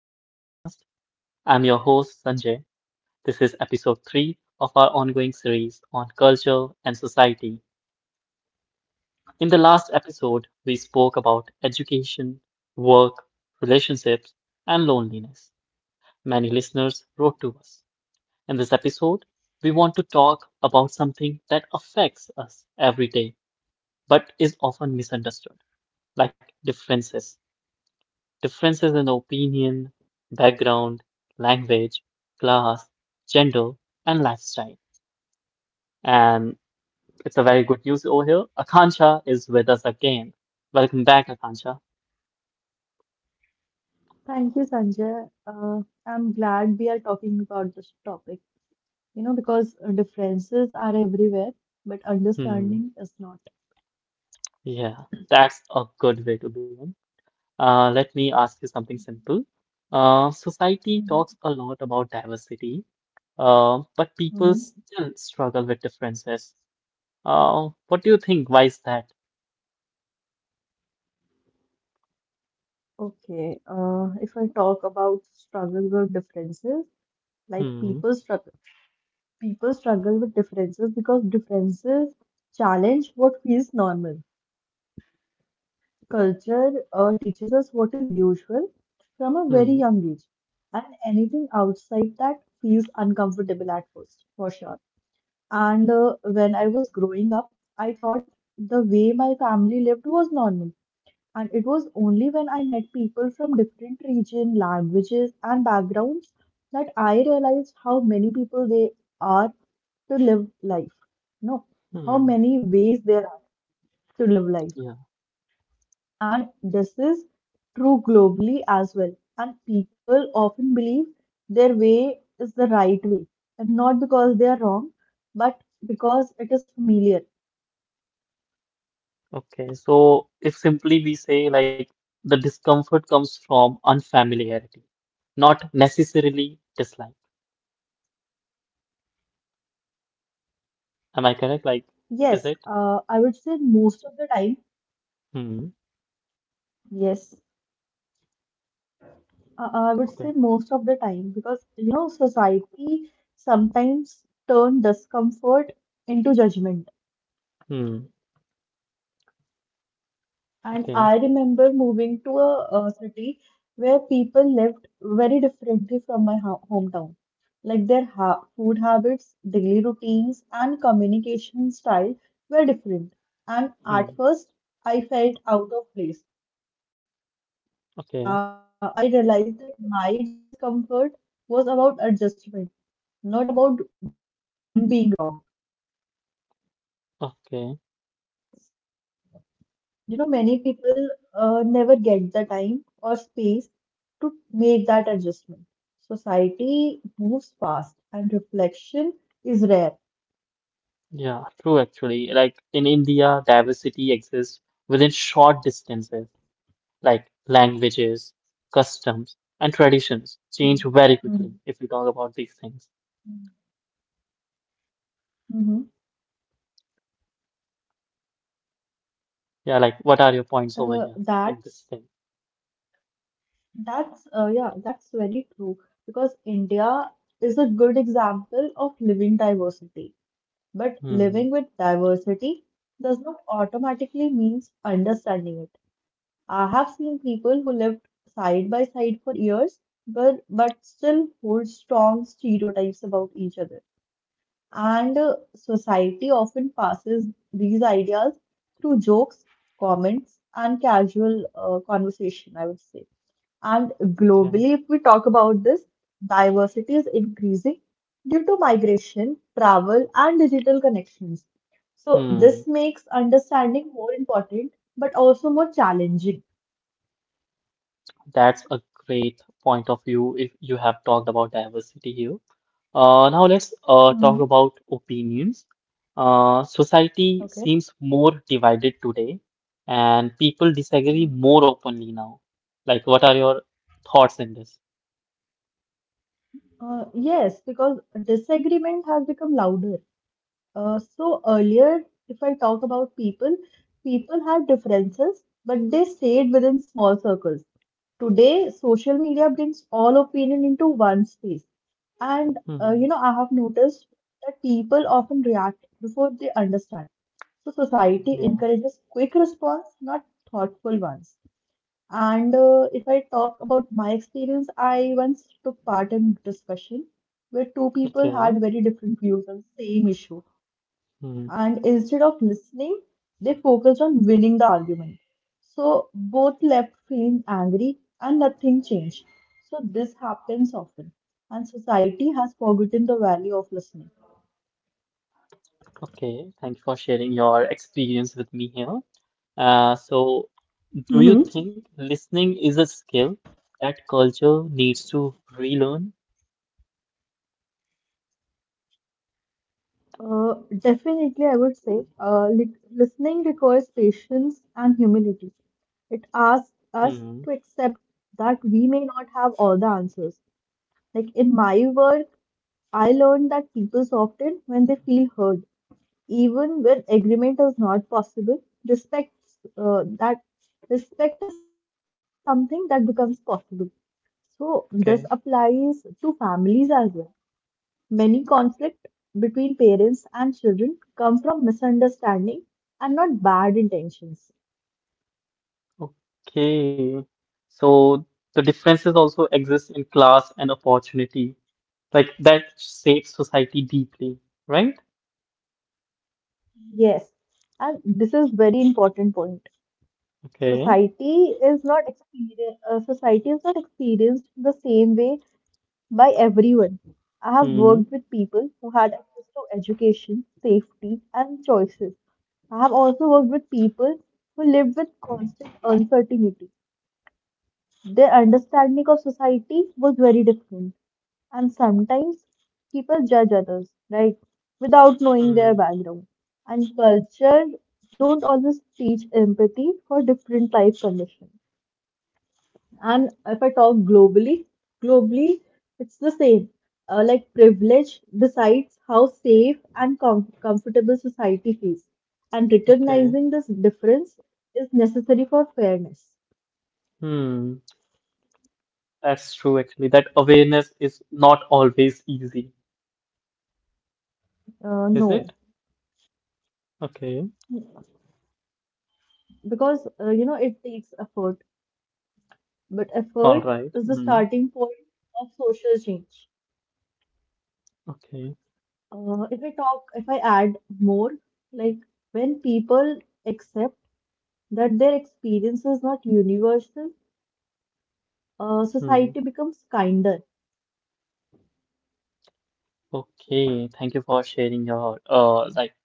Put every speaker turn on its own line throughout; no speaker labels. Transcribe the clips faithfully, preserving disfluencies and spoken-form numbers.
to the podcast. I'm your host, Sanjay. This is episode three of our ongoing series on culture and society. In the last episode, we spoke about education, work, relationships, and loneliness. Many listeners wrote to us. In this episode, we want to talk about something that affects us every day but is often misunderstood, like differences. Differences in opinion, background, language, class, gender, and lifestyle. And it's a very good news over here. Akansha is with us again. Welcome back, Akansha.
Thank you, Sanjay. Uh, I'm glad we are talking about this topic, you know, because uh, differences are everywhere, but
Hmm.
understanding is not.
Yeah, that's a good way to begin. Uh, let me ask you something simple. Uh, society
Hmm.
talks a lot about diversity, uh, but people
Hmm.
still struggle with differences. Uh, what do you think? Why is that?
Okay. Uh, if I talk about struggles or differences, like
Hmm.
people struggle, people struggle with differences because differences challenge what feels normal. Culture uh, teaches us what is usual from a very
Hmm.
young age, and anything outside that feels uncomfortable at first, for sure. And uh, when I was growing up, I thought the way my family lived was normal. And it was only when I met people from different region, languages, and backgrounds that I realized how many people they are to live life. No, how
Hmm.
many ways there are to live
Yeah.
life. And this is true globally as well. And people often believe their way is the right way. And not because they are wrong, but because it is familiar.
Okay, so if simply we say like the discomfort comes from unfamiliarity, not necessarily dislike. Am I correct? Like, is
Yes,
it?
uh, I would say most of the time.
Hmm.
Yes, uh, uh, I would say
Okay.
most of the time because you know society sometimes turn discomfort into judgment.
Hmm.
And
Okay.
I remember moving to a, a city where people lived very differently from my ho hometown. Like their ha food habits, daily routines, and communication style were different. And
Hmm.
at first, I felt out of place. But
Okay.
slowly, uh, I realized that my discomfort was about adjustment, not about them being wrong, right?
Okay.
So, you know, many people uh, never get the time or space to make that adjustment. Society moves fast, and reflection is rare.
Yeah, true actually. Like in India, diversity exists within short distances, like languages, customs, and traditions
Mhm.
change very quickly if we talk about these things.
Mhm. Mhm.
Yeah, like what are your points
Uh,
over here in this
that's
thing?
That's uh, yeah, that's very true because India is a good example of living diversity. But living
Hmm.
with diversity does not automatically means understanding it. I have seen people who lived side by side for years, but but still hold strong stereotypes about each other. And uh, society often passes these ideas through jokes, comments, and casual uh, conversation, I would say. And
Okay.
globally, if we talk about this, diversity is increasing due to migration, travel, and digital connections. So, this
Hmm,
makes understanding more important but also more challenging.
that's a great point of view if you have talked about diversity here. Uh, now let's uh, talk
Hmm.
about opinions. Uh, society
Okay.
seems more divided today, and people disagree more openly now. Like, what are your thoughts in this?
Uh, yes, because disagreement has become louder. Uh, so earlier, if I talk about people, people had differences, but they stayed within small circles. Today, social media brings all opinion into one space. And uh, you
Hmm,
know, I have noticed that people often react before they understand. So society
yeah,
encourages quick response, not thoughtful ones. And uh, if I talk about my experience, I once took part in discussion where two people had
okay.
very different views on same issue,
Hmm,
and instead of listening, they focused on winning the argument. So both left feeling angry and nothing changed. So this happens often, and society has forgotten the value of listening.
okay, thank you for sharing your experience with me here. Uh, so, do you
Hmm.
think listening is a skill that culture needs to relearn?
Uh, definitely, I would say, uh, li- listening requires patience and humility. It asks us
Mm,
to accept that we may not have all the answers. Like in my work, I learned that people soften when they feel heard. Even when agreement is not possible, respect uh, that respect is something that becomes possible. So this
okay,
applies to families as well. Many conflict between parents and children come from misunderstanding and not bad intentions.
okay. So the differences also exist in class and opportunity, like that shapes society deeply, right?
Yes, and this is very important point.
Okay.
Society is not experience, uh, society is not experienced the same way by everyone. I have
Hmm.
worked with people who had access to education, safety, and choices. I have also worked with people who lived with constant uncertainty. Their understanding of society was very different, and sometimes people judge others, right, without knowing their
Hmm.
background. And culture don't always teach empathy for different life conditions. And if I talk globally, globally, it's the same. Uh, like privilege decides how safe and com comfortable society feels. And
Okay.
recognizing this difference is necessary for fairness.
Hmm. That's true, actually. That awareness is not always easy,
Uh,
is it?
no,
Okay.
because uh, you know it takes effort, but
All
effort
right.
is the
Hmm.
starting point of social change.
Okay.
Uh, if I talk, if I add more, like when people accept that their experience is not universal, uh,
Hmm.
society becomes kinder.
Okay. Thank you for sharing your uh like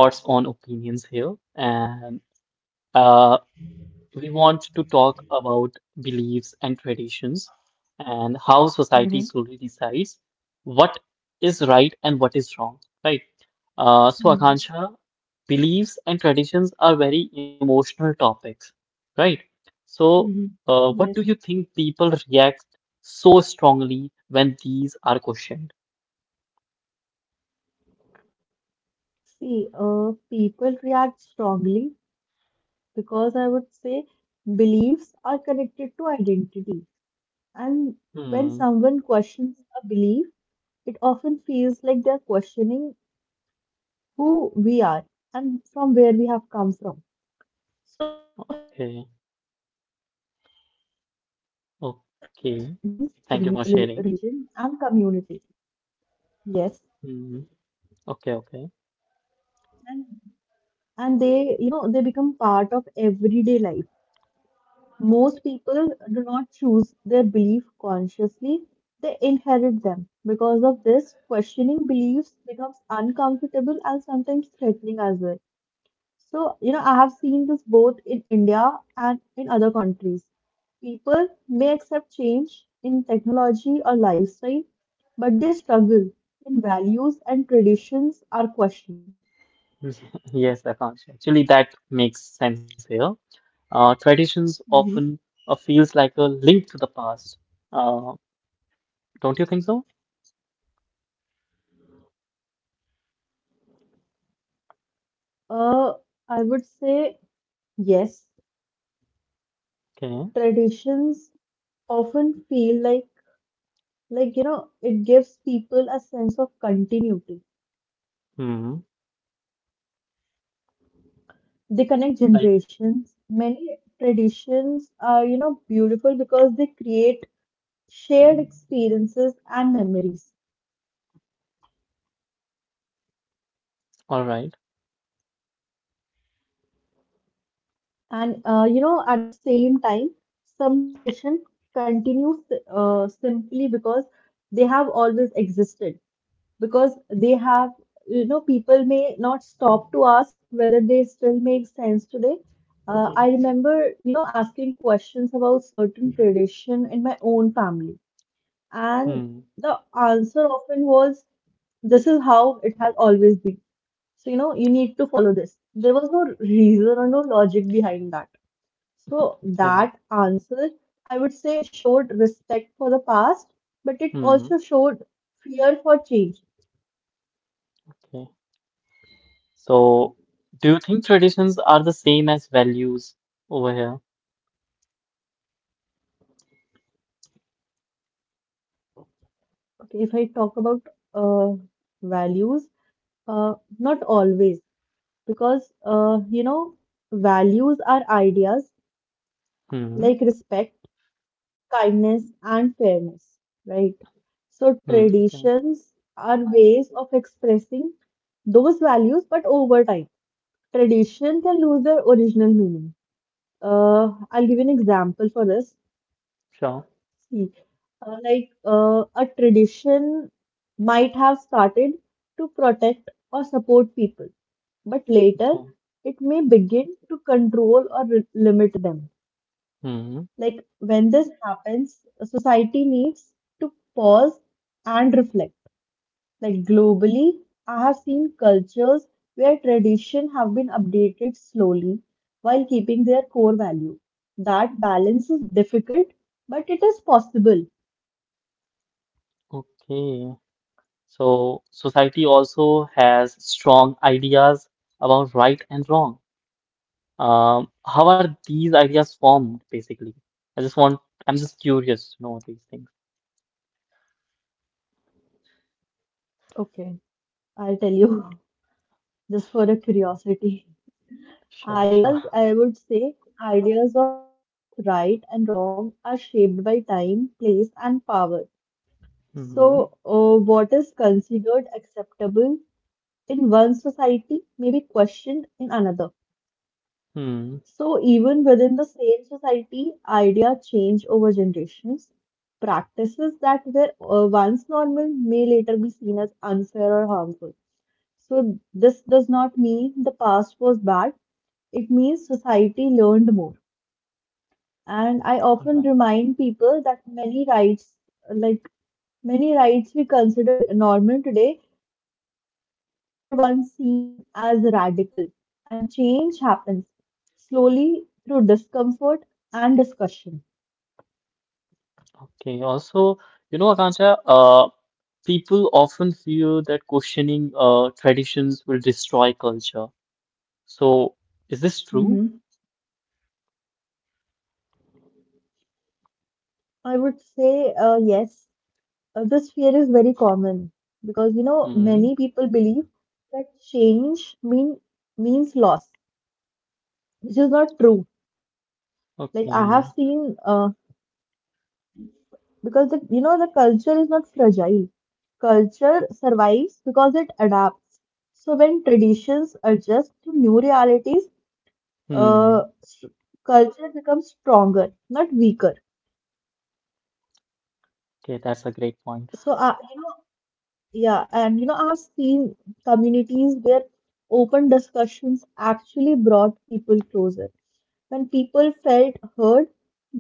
thoughts on opinions here and uh. we want to talk about beliefs and traditions and how society
Mhm.
slowly decides what is right and what is wrong, right? Uh, so, Akansha, beliefs and traditions are very emotional topics, right? So,
Mm-hmm.
uh, what
Yes.
do you think people react so strongly when these are questioned?
See, uh, people react strongly because I would say beliefs are connected to identity. And when
Hmm,
someone questions a belief, it often feels like they're questioning who we are and from where we have come from. So, from a
okay,
young age, beliefs are passed down through families, re-
okay.
re-
Thank you for
religion,
sharing.
and community. Yes.
Hmm, okay, okay.
And they you know they become part of everyday life. Most people do not choose their belief consciously, they inherit them. Because of this, questioning beliefs becomes uncomfortable and sometimes threatening as well. So you know I have seen this both in India and in other countries. People may accept change in technology or lifestyle, but they struggle when values and traditions are questioned.
Please. Yes, Akash. Actually, that makes sense here. Uh, traditions
Mhm.
often uh, feels like a link to the past. Uh, don't you think so?
uh, I would say, yes,
Okay.
traditions often feel like like you know it gives people a sense of continuity.
Hmm.
They connect
Like,
generations. Many traditions are you know beautiful because they create shared experiences and memories.
all right.
And uh, you know at the same time, some tradition continues uh, simply because they have always existed. Because they have, you know, People may not stop to ask whether they still make sense today. Uh, I remember, you know, asking questions about certain tradition in my own family, and
Hmm.
the answer often was, "This is how it has always been." So, you know, you need to follow this. There was no reason or no logic behind that. So
Okay.
that answer, I would say, showed respect for the past, but it
Hmm.
also showed fear for change.
Okay. So, do you think traditions are the same as values over here?
Okay, if I talk about uh, values, uh, not always, because uh, you know, values are ideas
Hmm.
like respect, kindness, and fairness, right? So
Hmm. Okay.
traditions are ways of expressing those values, but over time, tradition can lose their original meaning. Uh, I'll give an example for this.
Sure.
See, uh, like uh, a tradition might have started to protect or support people, but later
Okay.
it may begin to control or re- limit them.
Hmm.
Like when this happens, society needs to pause and reflect. Like globally, I have seen cultures where tradition have been updated slowly while keeping their core value. That balance is difficult, but it is possible.
Okay. So, society also has strong ideas about right and wrong. Um, how are these ideas formed, basically? I just want, I'm just curious to know these things.
Okay. I'll tell you just for a curiosity.
Sure, sure.
Ideas, I would say, ideas of right and wrong are shaped by time, place, and power. So,
Mm-hmm.
uh, what is considered acceptable in one society may be questioned in another.
Hmm.
So, even within the same society, idea change over generations. Practices that were uh, once normal may later be seen as unfair or harmful. So, this does not mean the past was bad. It means society learned more. And I
All right.
often remind people that many rights, like many rights we consider to normal today, were once seen as radical. And change happens slowly through discomfort and discussion.
Okay. Also, you know, Akansha, uh, people often feel that questioning uh, traditions will destroy culture. So, is this true?
Hmm. I would say, uh, yes. Uh, this fear is very common because you know
Hmm.
many people believe that change mean means loss, which is not true. Like I have
Okay. Yeah.
seen, uh, because the you know the culture is not fragile. Culture survives because it adapts. So when traditions adjust to new realities, uh
Hmm.
s- culture becomes stronger, not weaker.
Okay, that's a great point.
So uh, you know yeah, and you know I have seen communities where open discussions actually brought people closer. When people felt heard,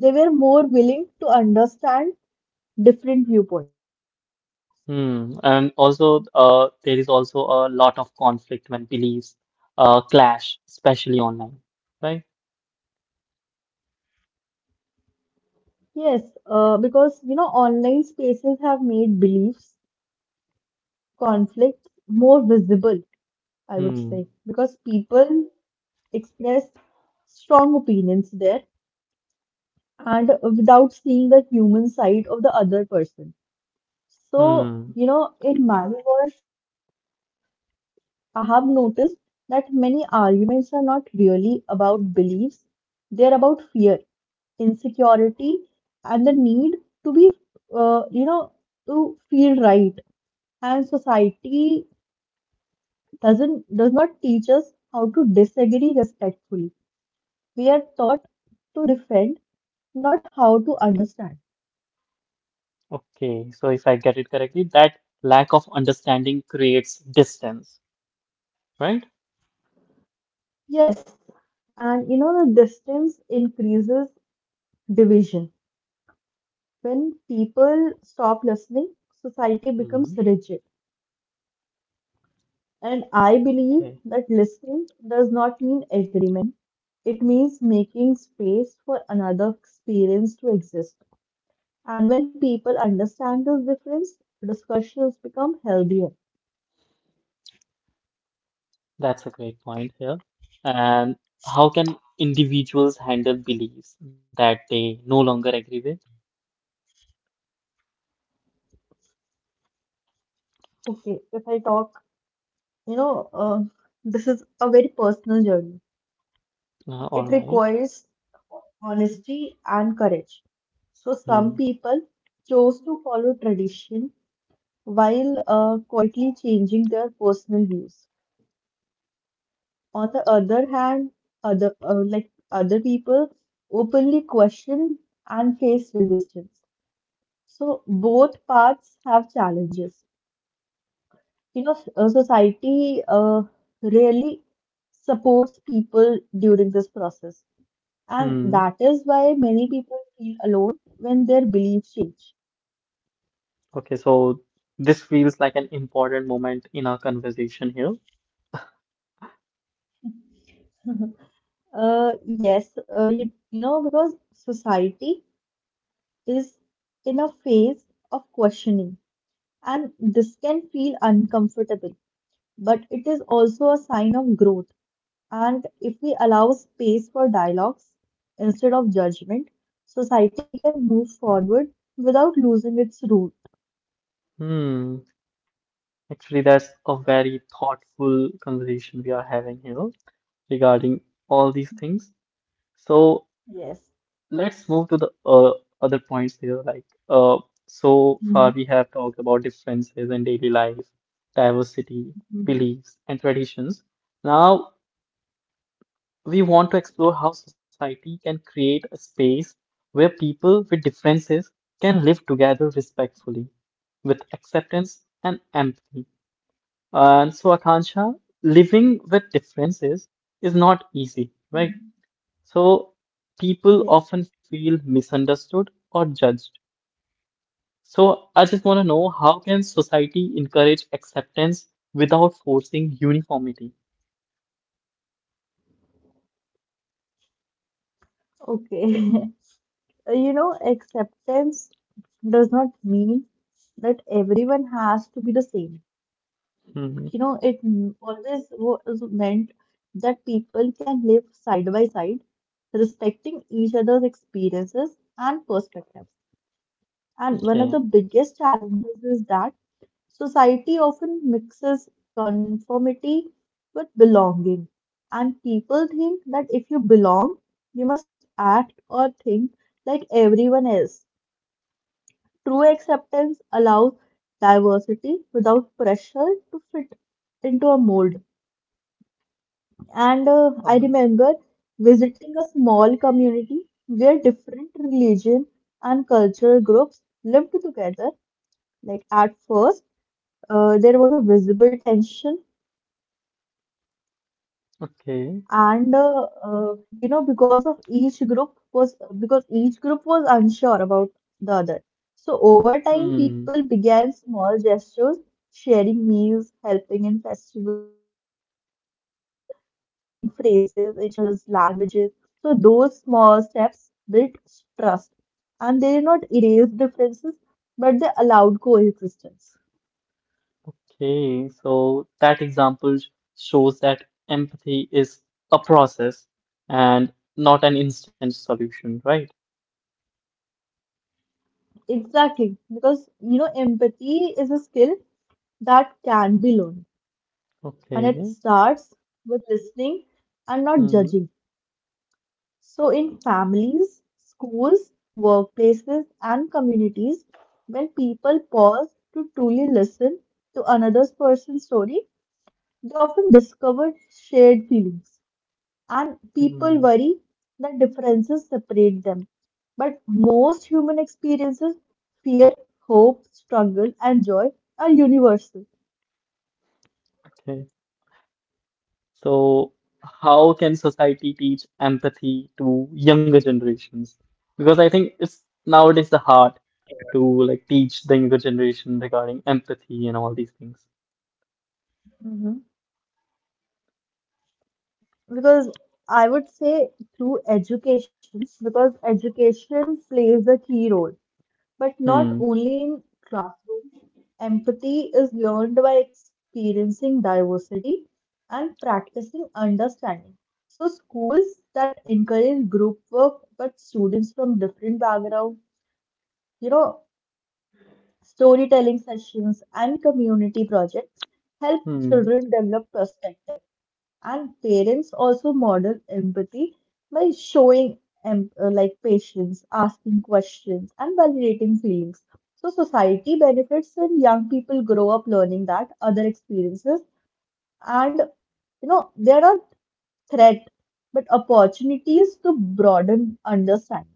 they were more willing to understand different viewpoints.
Hmm. And also, uh, there is also a lot of conflict when beliefs uh, clash, especially online, right?
Yes, uh, because you know, online spaces have made beliefs, conflicts more visible, I would say,
Hmm.
because people express strong opinions there and uh, without seeing the human side of the other person. So,
Hmm.
you know, in my work, I have noticed that many arguments are not really about beliefs, they're about fear, insecurity, and the need to be, uh, you know, to feel right. And society doesn't does not teach us how to disagree respectfully. We are taught to defend, not how to understand.
Okay. So if I get it correctly, that lack of understanding creates distance, right?
Yes, and you know the distance increases division. When people stop listening, society becomes
Hmm.
rigid. And I believe
Okay.
that listening does not mean agreement. It means making space for another experience to exist. And when people understand this difference, discussions become healthier.
That's a great point here. And how can individuals handle beliefs that they no longer agree with?
Okay, if I talk, you know, uh, this is a very personal journey.
Uh, all
It
right.
requires honesty and courage. So some
Hmm.
people chose to follow tradition while uh, quietly changing their personal views. On the other hand, other uh, like other people openly question and face resistance. So both paths have challenges. You know, uh, society uh, really supports people during this process. And
Hmm.
that is why many people feel alone when their beliefs change.
Okay. So this feels like an important moment in our conversation here.
Uh, yes, uh, you, you know, because society is in a phase of questioning, and this can feel uncomfortable, but it is also a sign of growth. And if we allow space for dialogues instead of judgment, society can move forward without losing its root.
Hmm. Actually, that's a very thoughtful conversation we are having here regarding all these things. So
Yes.
let's move to the uh, other points here. Like, uh, so far we
Mhm.
have talked about differences in daily life, diversity,
Mhm.
beliefs, and traditions. Now we want to explore how society can create a space where people with differences can live together respectfully, with acceptance and empathy. And so, Akansha, living with differences is not easy, right?
Mhm.
So, people
Yes.
often feel misunderstood or judged. So, I just want to know how can society encourage acceptance without forcing uniformity?
Okay. You know, acceptance does not mean that everyone has to be the same.
Hmm.
You know, it m- always was meant that people can live side by side, respecting each other's experiences and perspectives. And one of
Okay.
the biggest challenges is that society often mixes conformity with belonging. And people think that if you belong, you must act or think like everyone else. True acceptance allows diversity without pressure to fit into a mold. And uh, I
Alright.
remember visiting a small community where different religion and cultural groups lived together. Like at first, uh, there was a visible tension
Okay.
and uh, uh, you know because of each group was because each group was unsure about the other. So over time,
Hmm.
people began small gestures: sharing meals, helping in festivals, learning phrases in each other's languages. So those small steps built trust, and they did not erase differences, but they allowed coexistence
Okay. So, that example sh- shows that empathy is a process and not an instant solution, right?
exactly because, you know, empathy is a skill that can be learned. And it
Okay.
starts with listening and not
Hmm.
judging. So, in families, schools, workplaces, and communities, when people pause to truly listen to another person's story, they often discover shared feelings. And people
Mm,
worry that differences separate them, but most human experiences, fear, hope, struggle, and joy, are universal.
okay. So, how can society teach empathy to younger generations? Because I think it's nowadays the hard to like teach the younger generation regarding empathy and all these things.
Because I would say through education, because education plays a key role, but not
Hmm.
only in classrooms. Empathy is learned by experiencing diversity and practicing understanding. So, schools that encourage group work, but students from different backgrounds, you know, storytelling sessions and community projects help
Hmm.
children develop perspective. And parents also model empathy by showing em- uh, like patience, asking questions, and validating feelings. So society benefits when young people grow up learning that other experiences and, you know, there are threat but opportunities to broaden understanding.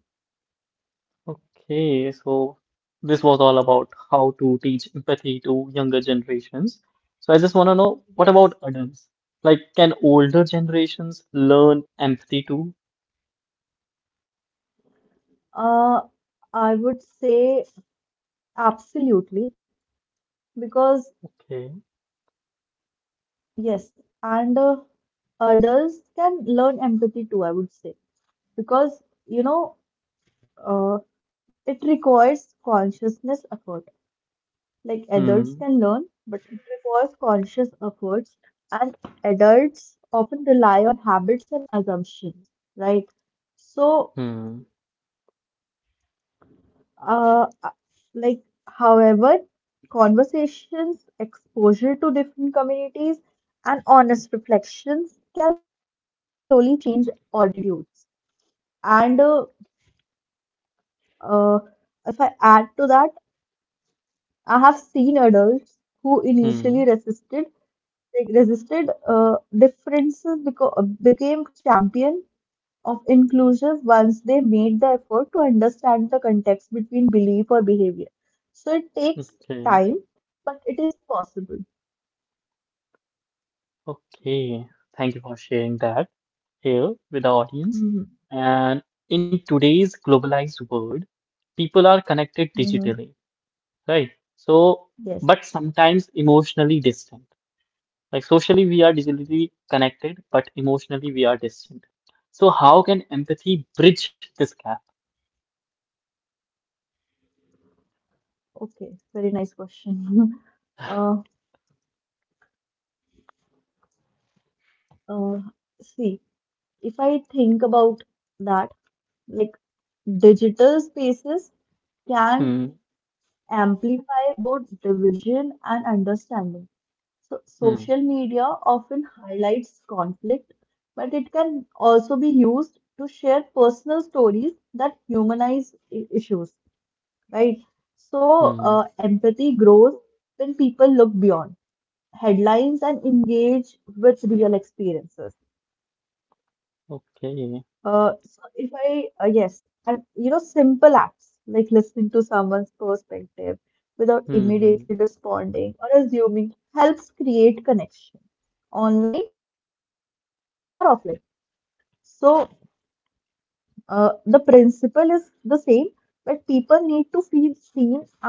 Okay. So this was all about how to teach empathy to younger generations. So I just want to know what
Yes.
about adults? Like, can older generations learn empathy too?
Uh, I would say absolutely because
Okay.
yes, and uh, adults can learn empathy too, I would say. Because you know uh, it requires consciousness effort like Adults
Hmm.
can learn, but it requires conscious efforts, and adults often rely on habits and assumptions, right? So
Hmm.
uh, uh, like however, conversations, exposure to different communities, and honest reflections can slowly change attitudes. And uh, uh, if I add to that, I have seen adults who
Hmm.
initially resisted like, resisted uh, differences because became champion of inclusion once they made the effort to understand the context between belief or behavior. So it takes
Okay.
time, but it is possible.
Okay, thank you for sharing that here with the audience.
Hmm.
And in today's globalized world, people are connected
Hmm.
digitally, right? So,
Yes.
but sometimes emotionally distant. Like socially, we are digitally connected, but emotionally, we are distant.
Mhm.
So, how can empathy bridge this gap?
Okay. Very nice question. uh, uh, See, if I think about that, like digital spaces can
Hmm,
amplify both division and understanding. So,
hmm,
social media often highlights conflict, but it can also be used to share personal stories that humanize i- issues, right? So,
hmm.
uh, empathy grows when people look beyond headlines and engage with real experiences.
Okay,
Uh, so if I, uh, Yes, and, you know, simple acts like listening to someone's perspective without
hmm. hmm.
immediately responding or assuming helps create connection online or offline. So, uh, the principle is the same, but people need to feel seen and heard.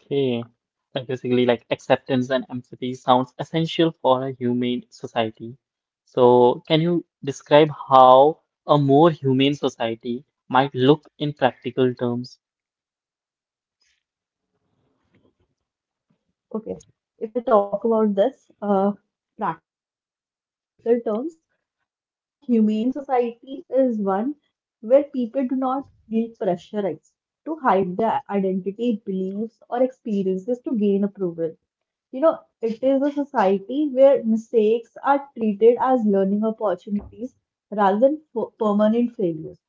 Okay, like basically, like acceptance and empathy sounds essential for a humane society. So, can you describe how a more humane society might look in practical terms?
Okay, if I talk about this uh, practical terms, like a humane society is one where people do not feel pressurized to hide their identity, beliefs, or experiences to gain approval. You know, it is a society where mistakes are treated as learning opportunities rather than f- permanent failures.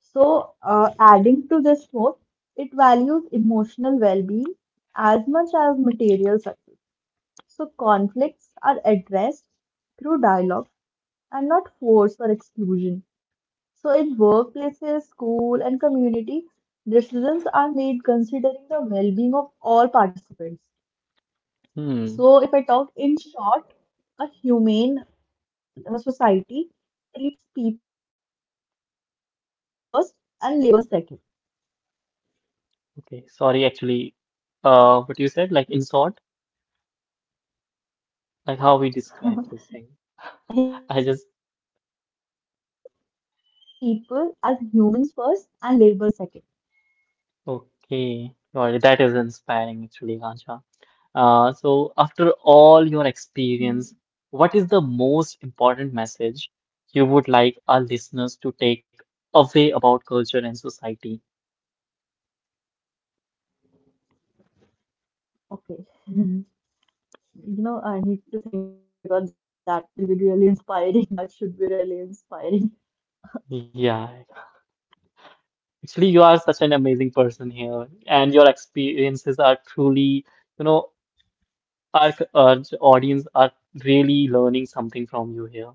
So, uh, adding to this more, it values emotional well being as much as material success. So conflicts are addressed through dialogue and not force or exclusion. So in workplaces, school, and community, decisions are made considering the well-being of all participants.
Hmm.
So if I talk in short, a humane uh, society treats people as human first and labels second.
Okay. Sorry, actually, uh, what you said, like in sort, like how we describe
In
this thing.
short, a humane
I just
society treats people as humans first and labels second.
Okay, well, that is inspiring actually, Kansha. Uh, so, after all your experience, what is the most important message you would like our listeners to take away about culture and society?
Okay. You know, I need to think because that will be really inspiring. That should be really inspiring.
Yeah, actually, you are such an amazing person here, and your experiences are truly, you know, our, c- our audience are really learning something from you here.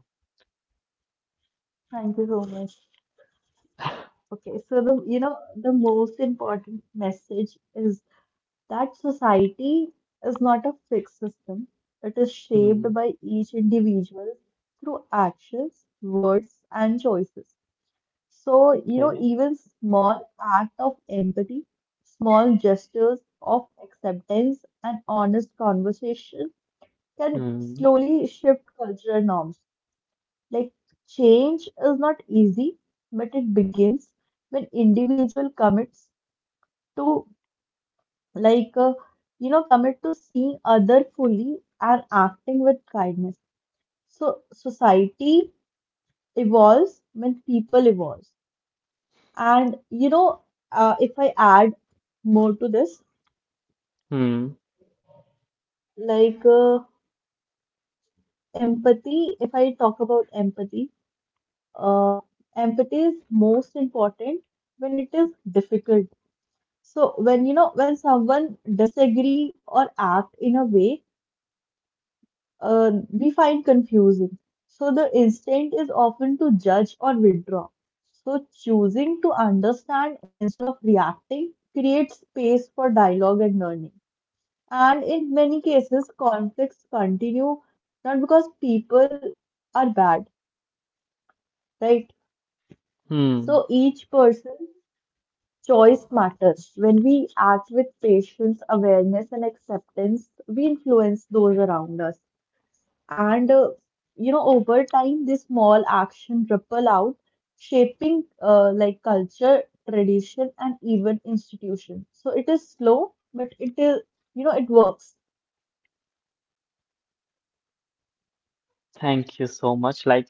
Thank you so much. Okay, so the you know the most important message is that society is not a fixed system. It is shaped
Hmm,
by each individual through actions, words, and choices. So, you know,
okay.
even small act of empathy, small gestures of acceptance, and honest conversation can
Hmm.
slowly shift cultural norms. Like change is not easy, but it begins when individual commits to like uh, you know commit to seeing other fully and acting with kindness. So society evolves when people evolve. And, you know, uh, if I add more to this,
Hmm.
like uh, empathy, if I talk about empathy, uh, empathy is most important when it is difficult. So when you know when someone disagree or act in a way uh, we find confusing, so the instinct is often to judge or withdraw. So choosing to understand instead of reacting creates space for dialogue and learning, and in many cases conflicts continue not because people are bad, right?
Hmm.
So each person choice matters. When we act with patience, awareness, and acceptance, we influence those around us. And, uh, you know, over time, this small action ripple out, shaping uh, like culture, tradition, and even institution. So it is slow, but it, is, you know, it works.
Thank you so much. Like,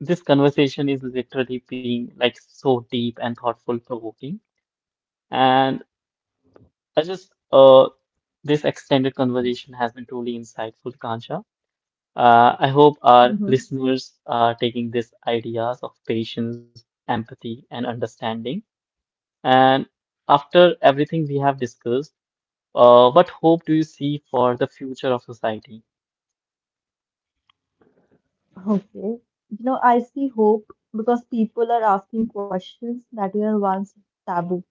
this conversation is literally being like so deep and thoughtful provoking. And I just, uh, this extended conversation has been truly insightful, Kansha. Uh, I hope our
Hmm.
listeners are taking these ideas of patience, empathy, and understanding. And after everything we have discussed, uh, what hope do you see for the future of society?
Okay. You know, I see hope because people are asking questions that were once taboo.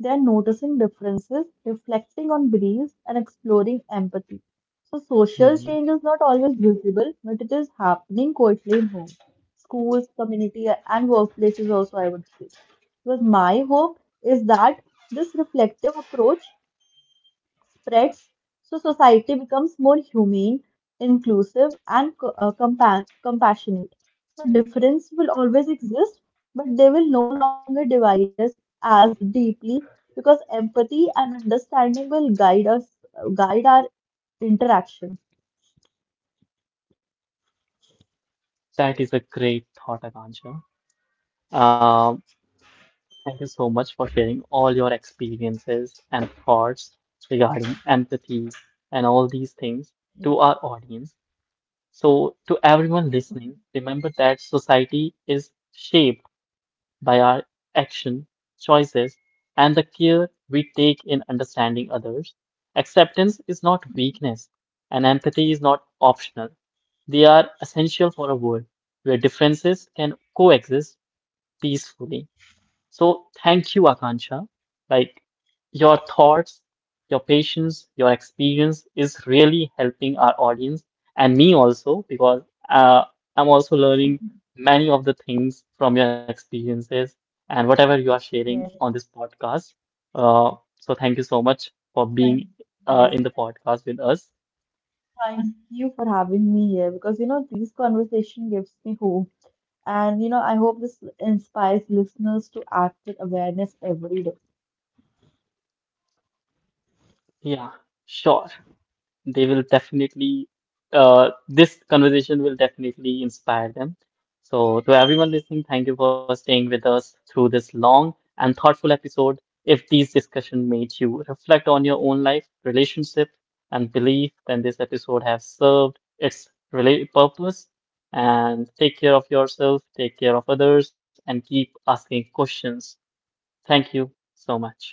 They are noticing differences, reflecting on beliefs, and exploring empathy. So, social
Hmm,
change is not always visible, but it is happening quietly in homes, schools, community, and workplaces also, I would say. Because my hope is that this reflective approach spreads, so society becomes more humane, inclusive, and co- uh, compa- compassionate. So difference will always exist, but they will no longer divide us as deeply because empathy and understanding will guide us, uh, guide our interaction.
that is a great thought, Akansha. Um, Thank you so much for sharing all your experiences and thoughts regarding empathy and all these things to our audience. So, to everyone listening, remember that society is shaped by our action, choices, and the care we take in understanding others. Acceptance is not weakness, and empathy is not optional. They are essential for a world where differences can coexist peacefully. So thank you, Akansha. Like your thoughts, your patience, your experience is really helping our audience and me also because uh, I'm also learning many of the things from your experiences and whatever you are sharing
Yes,
on this podcast. Uh, so thank you so much for
thank,
being uh,
yes,
in the podcast with us.
thank you for having me here because, you know, this conversation gives me hope, and, you know, I hope this inspires listeners to act with awareness every day.
Yeah, sure. they will definitely uh, this conversation will definitely inspire them. So to everyone listening, thank you for staying with us through this long and thoughtful episode. If these discussions made you reflect on your own life, relationship, and belief, then this episode has served its related purpose. And take care of yourself, take care of others, and keep asking questions. Thank you so much.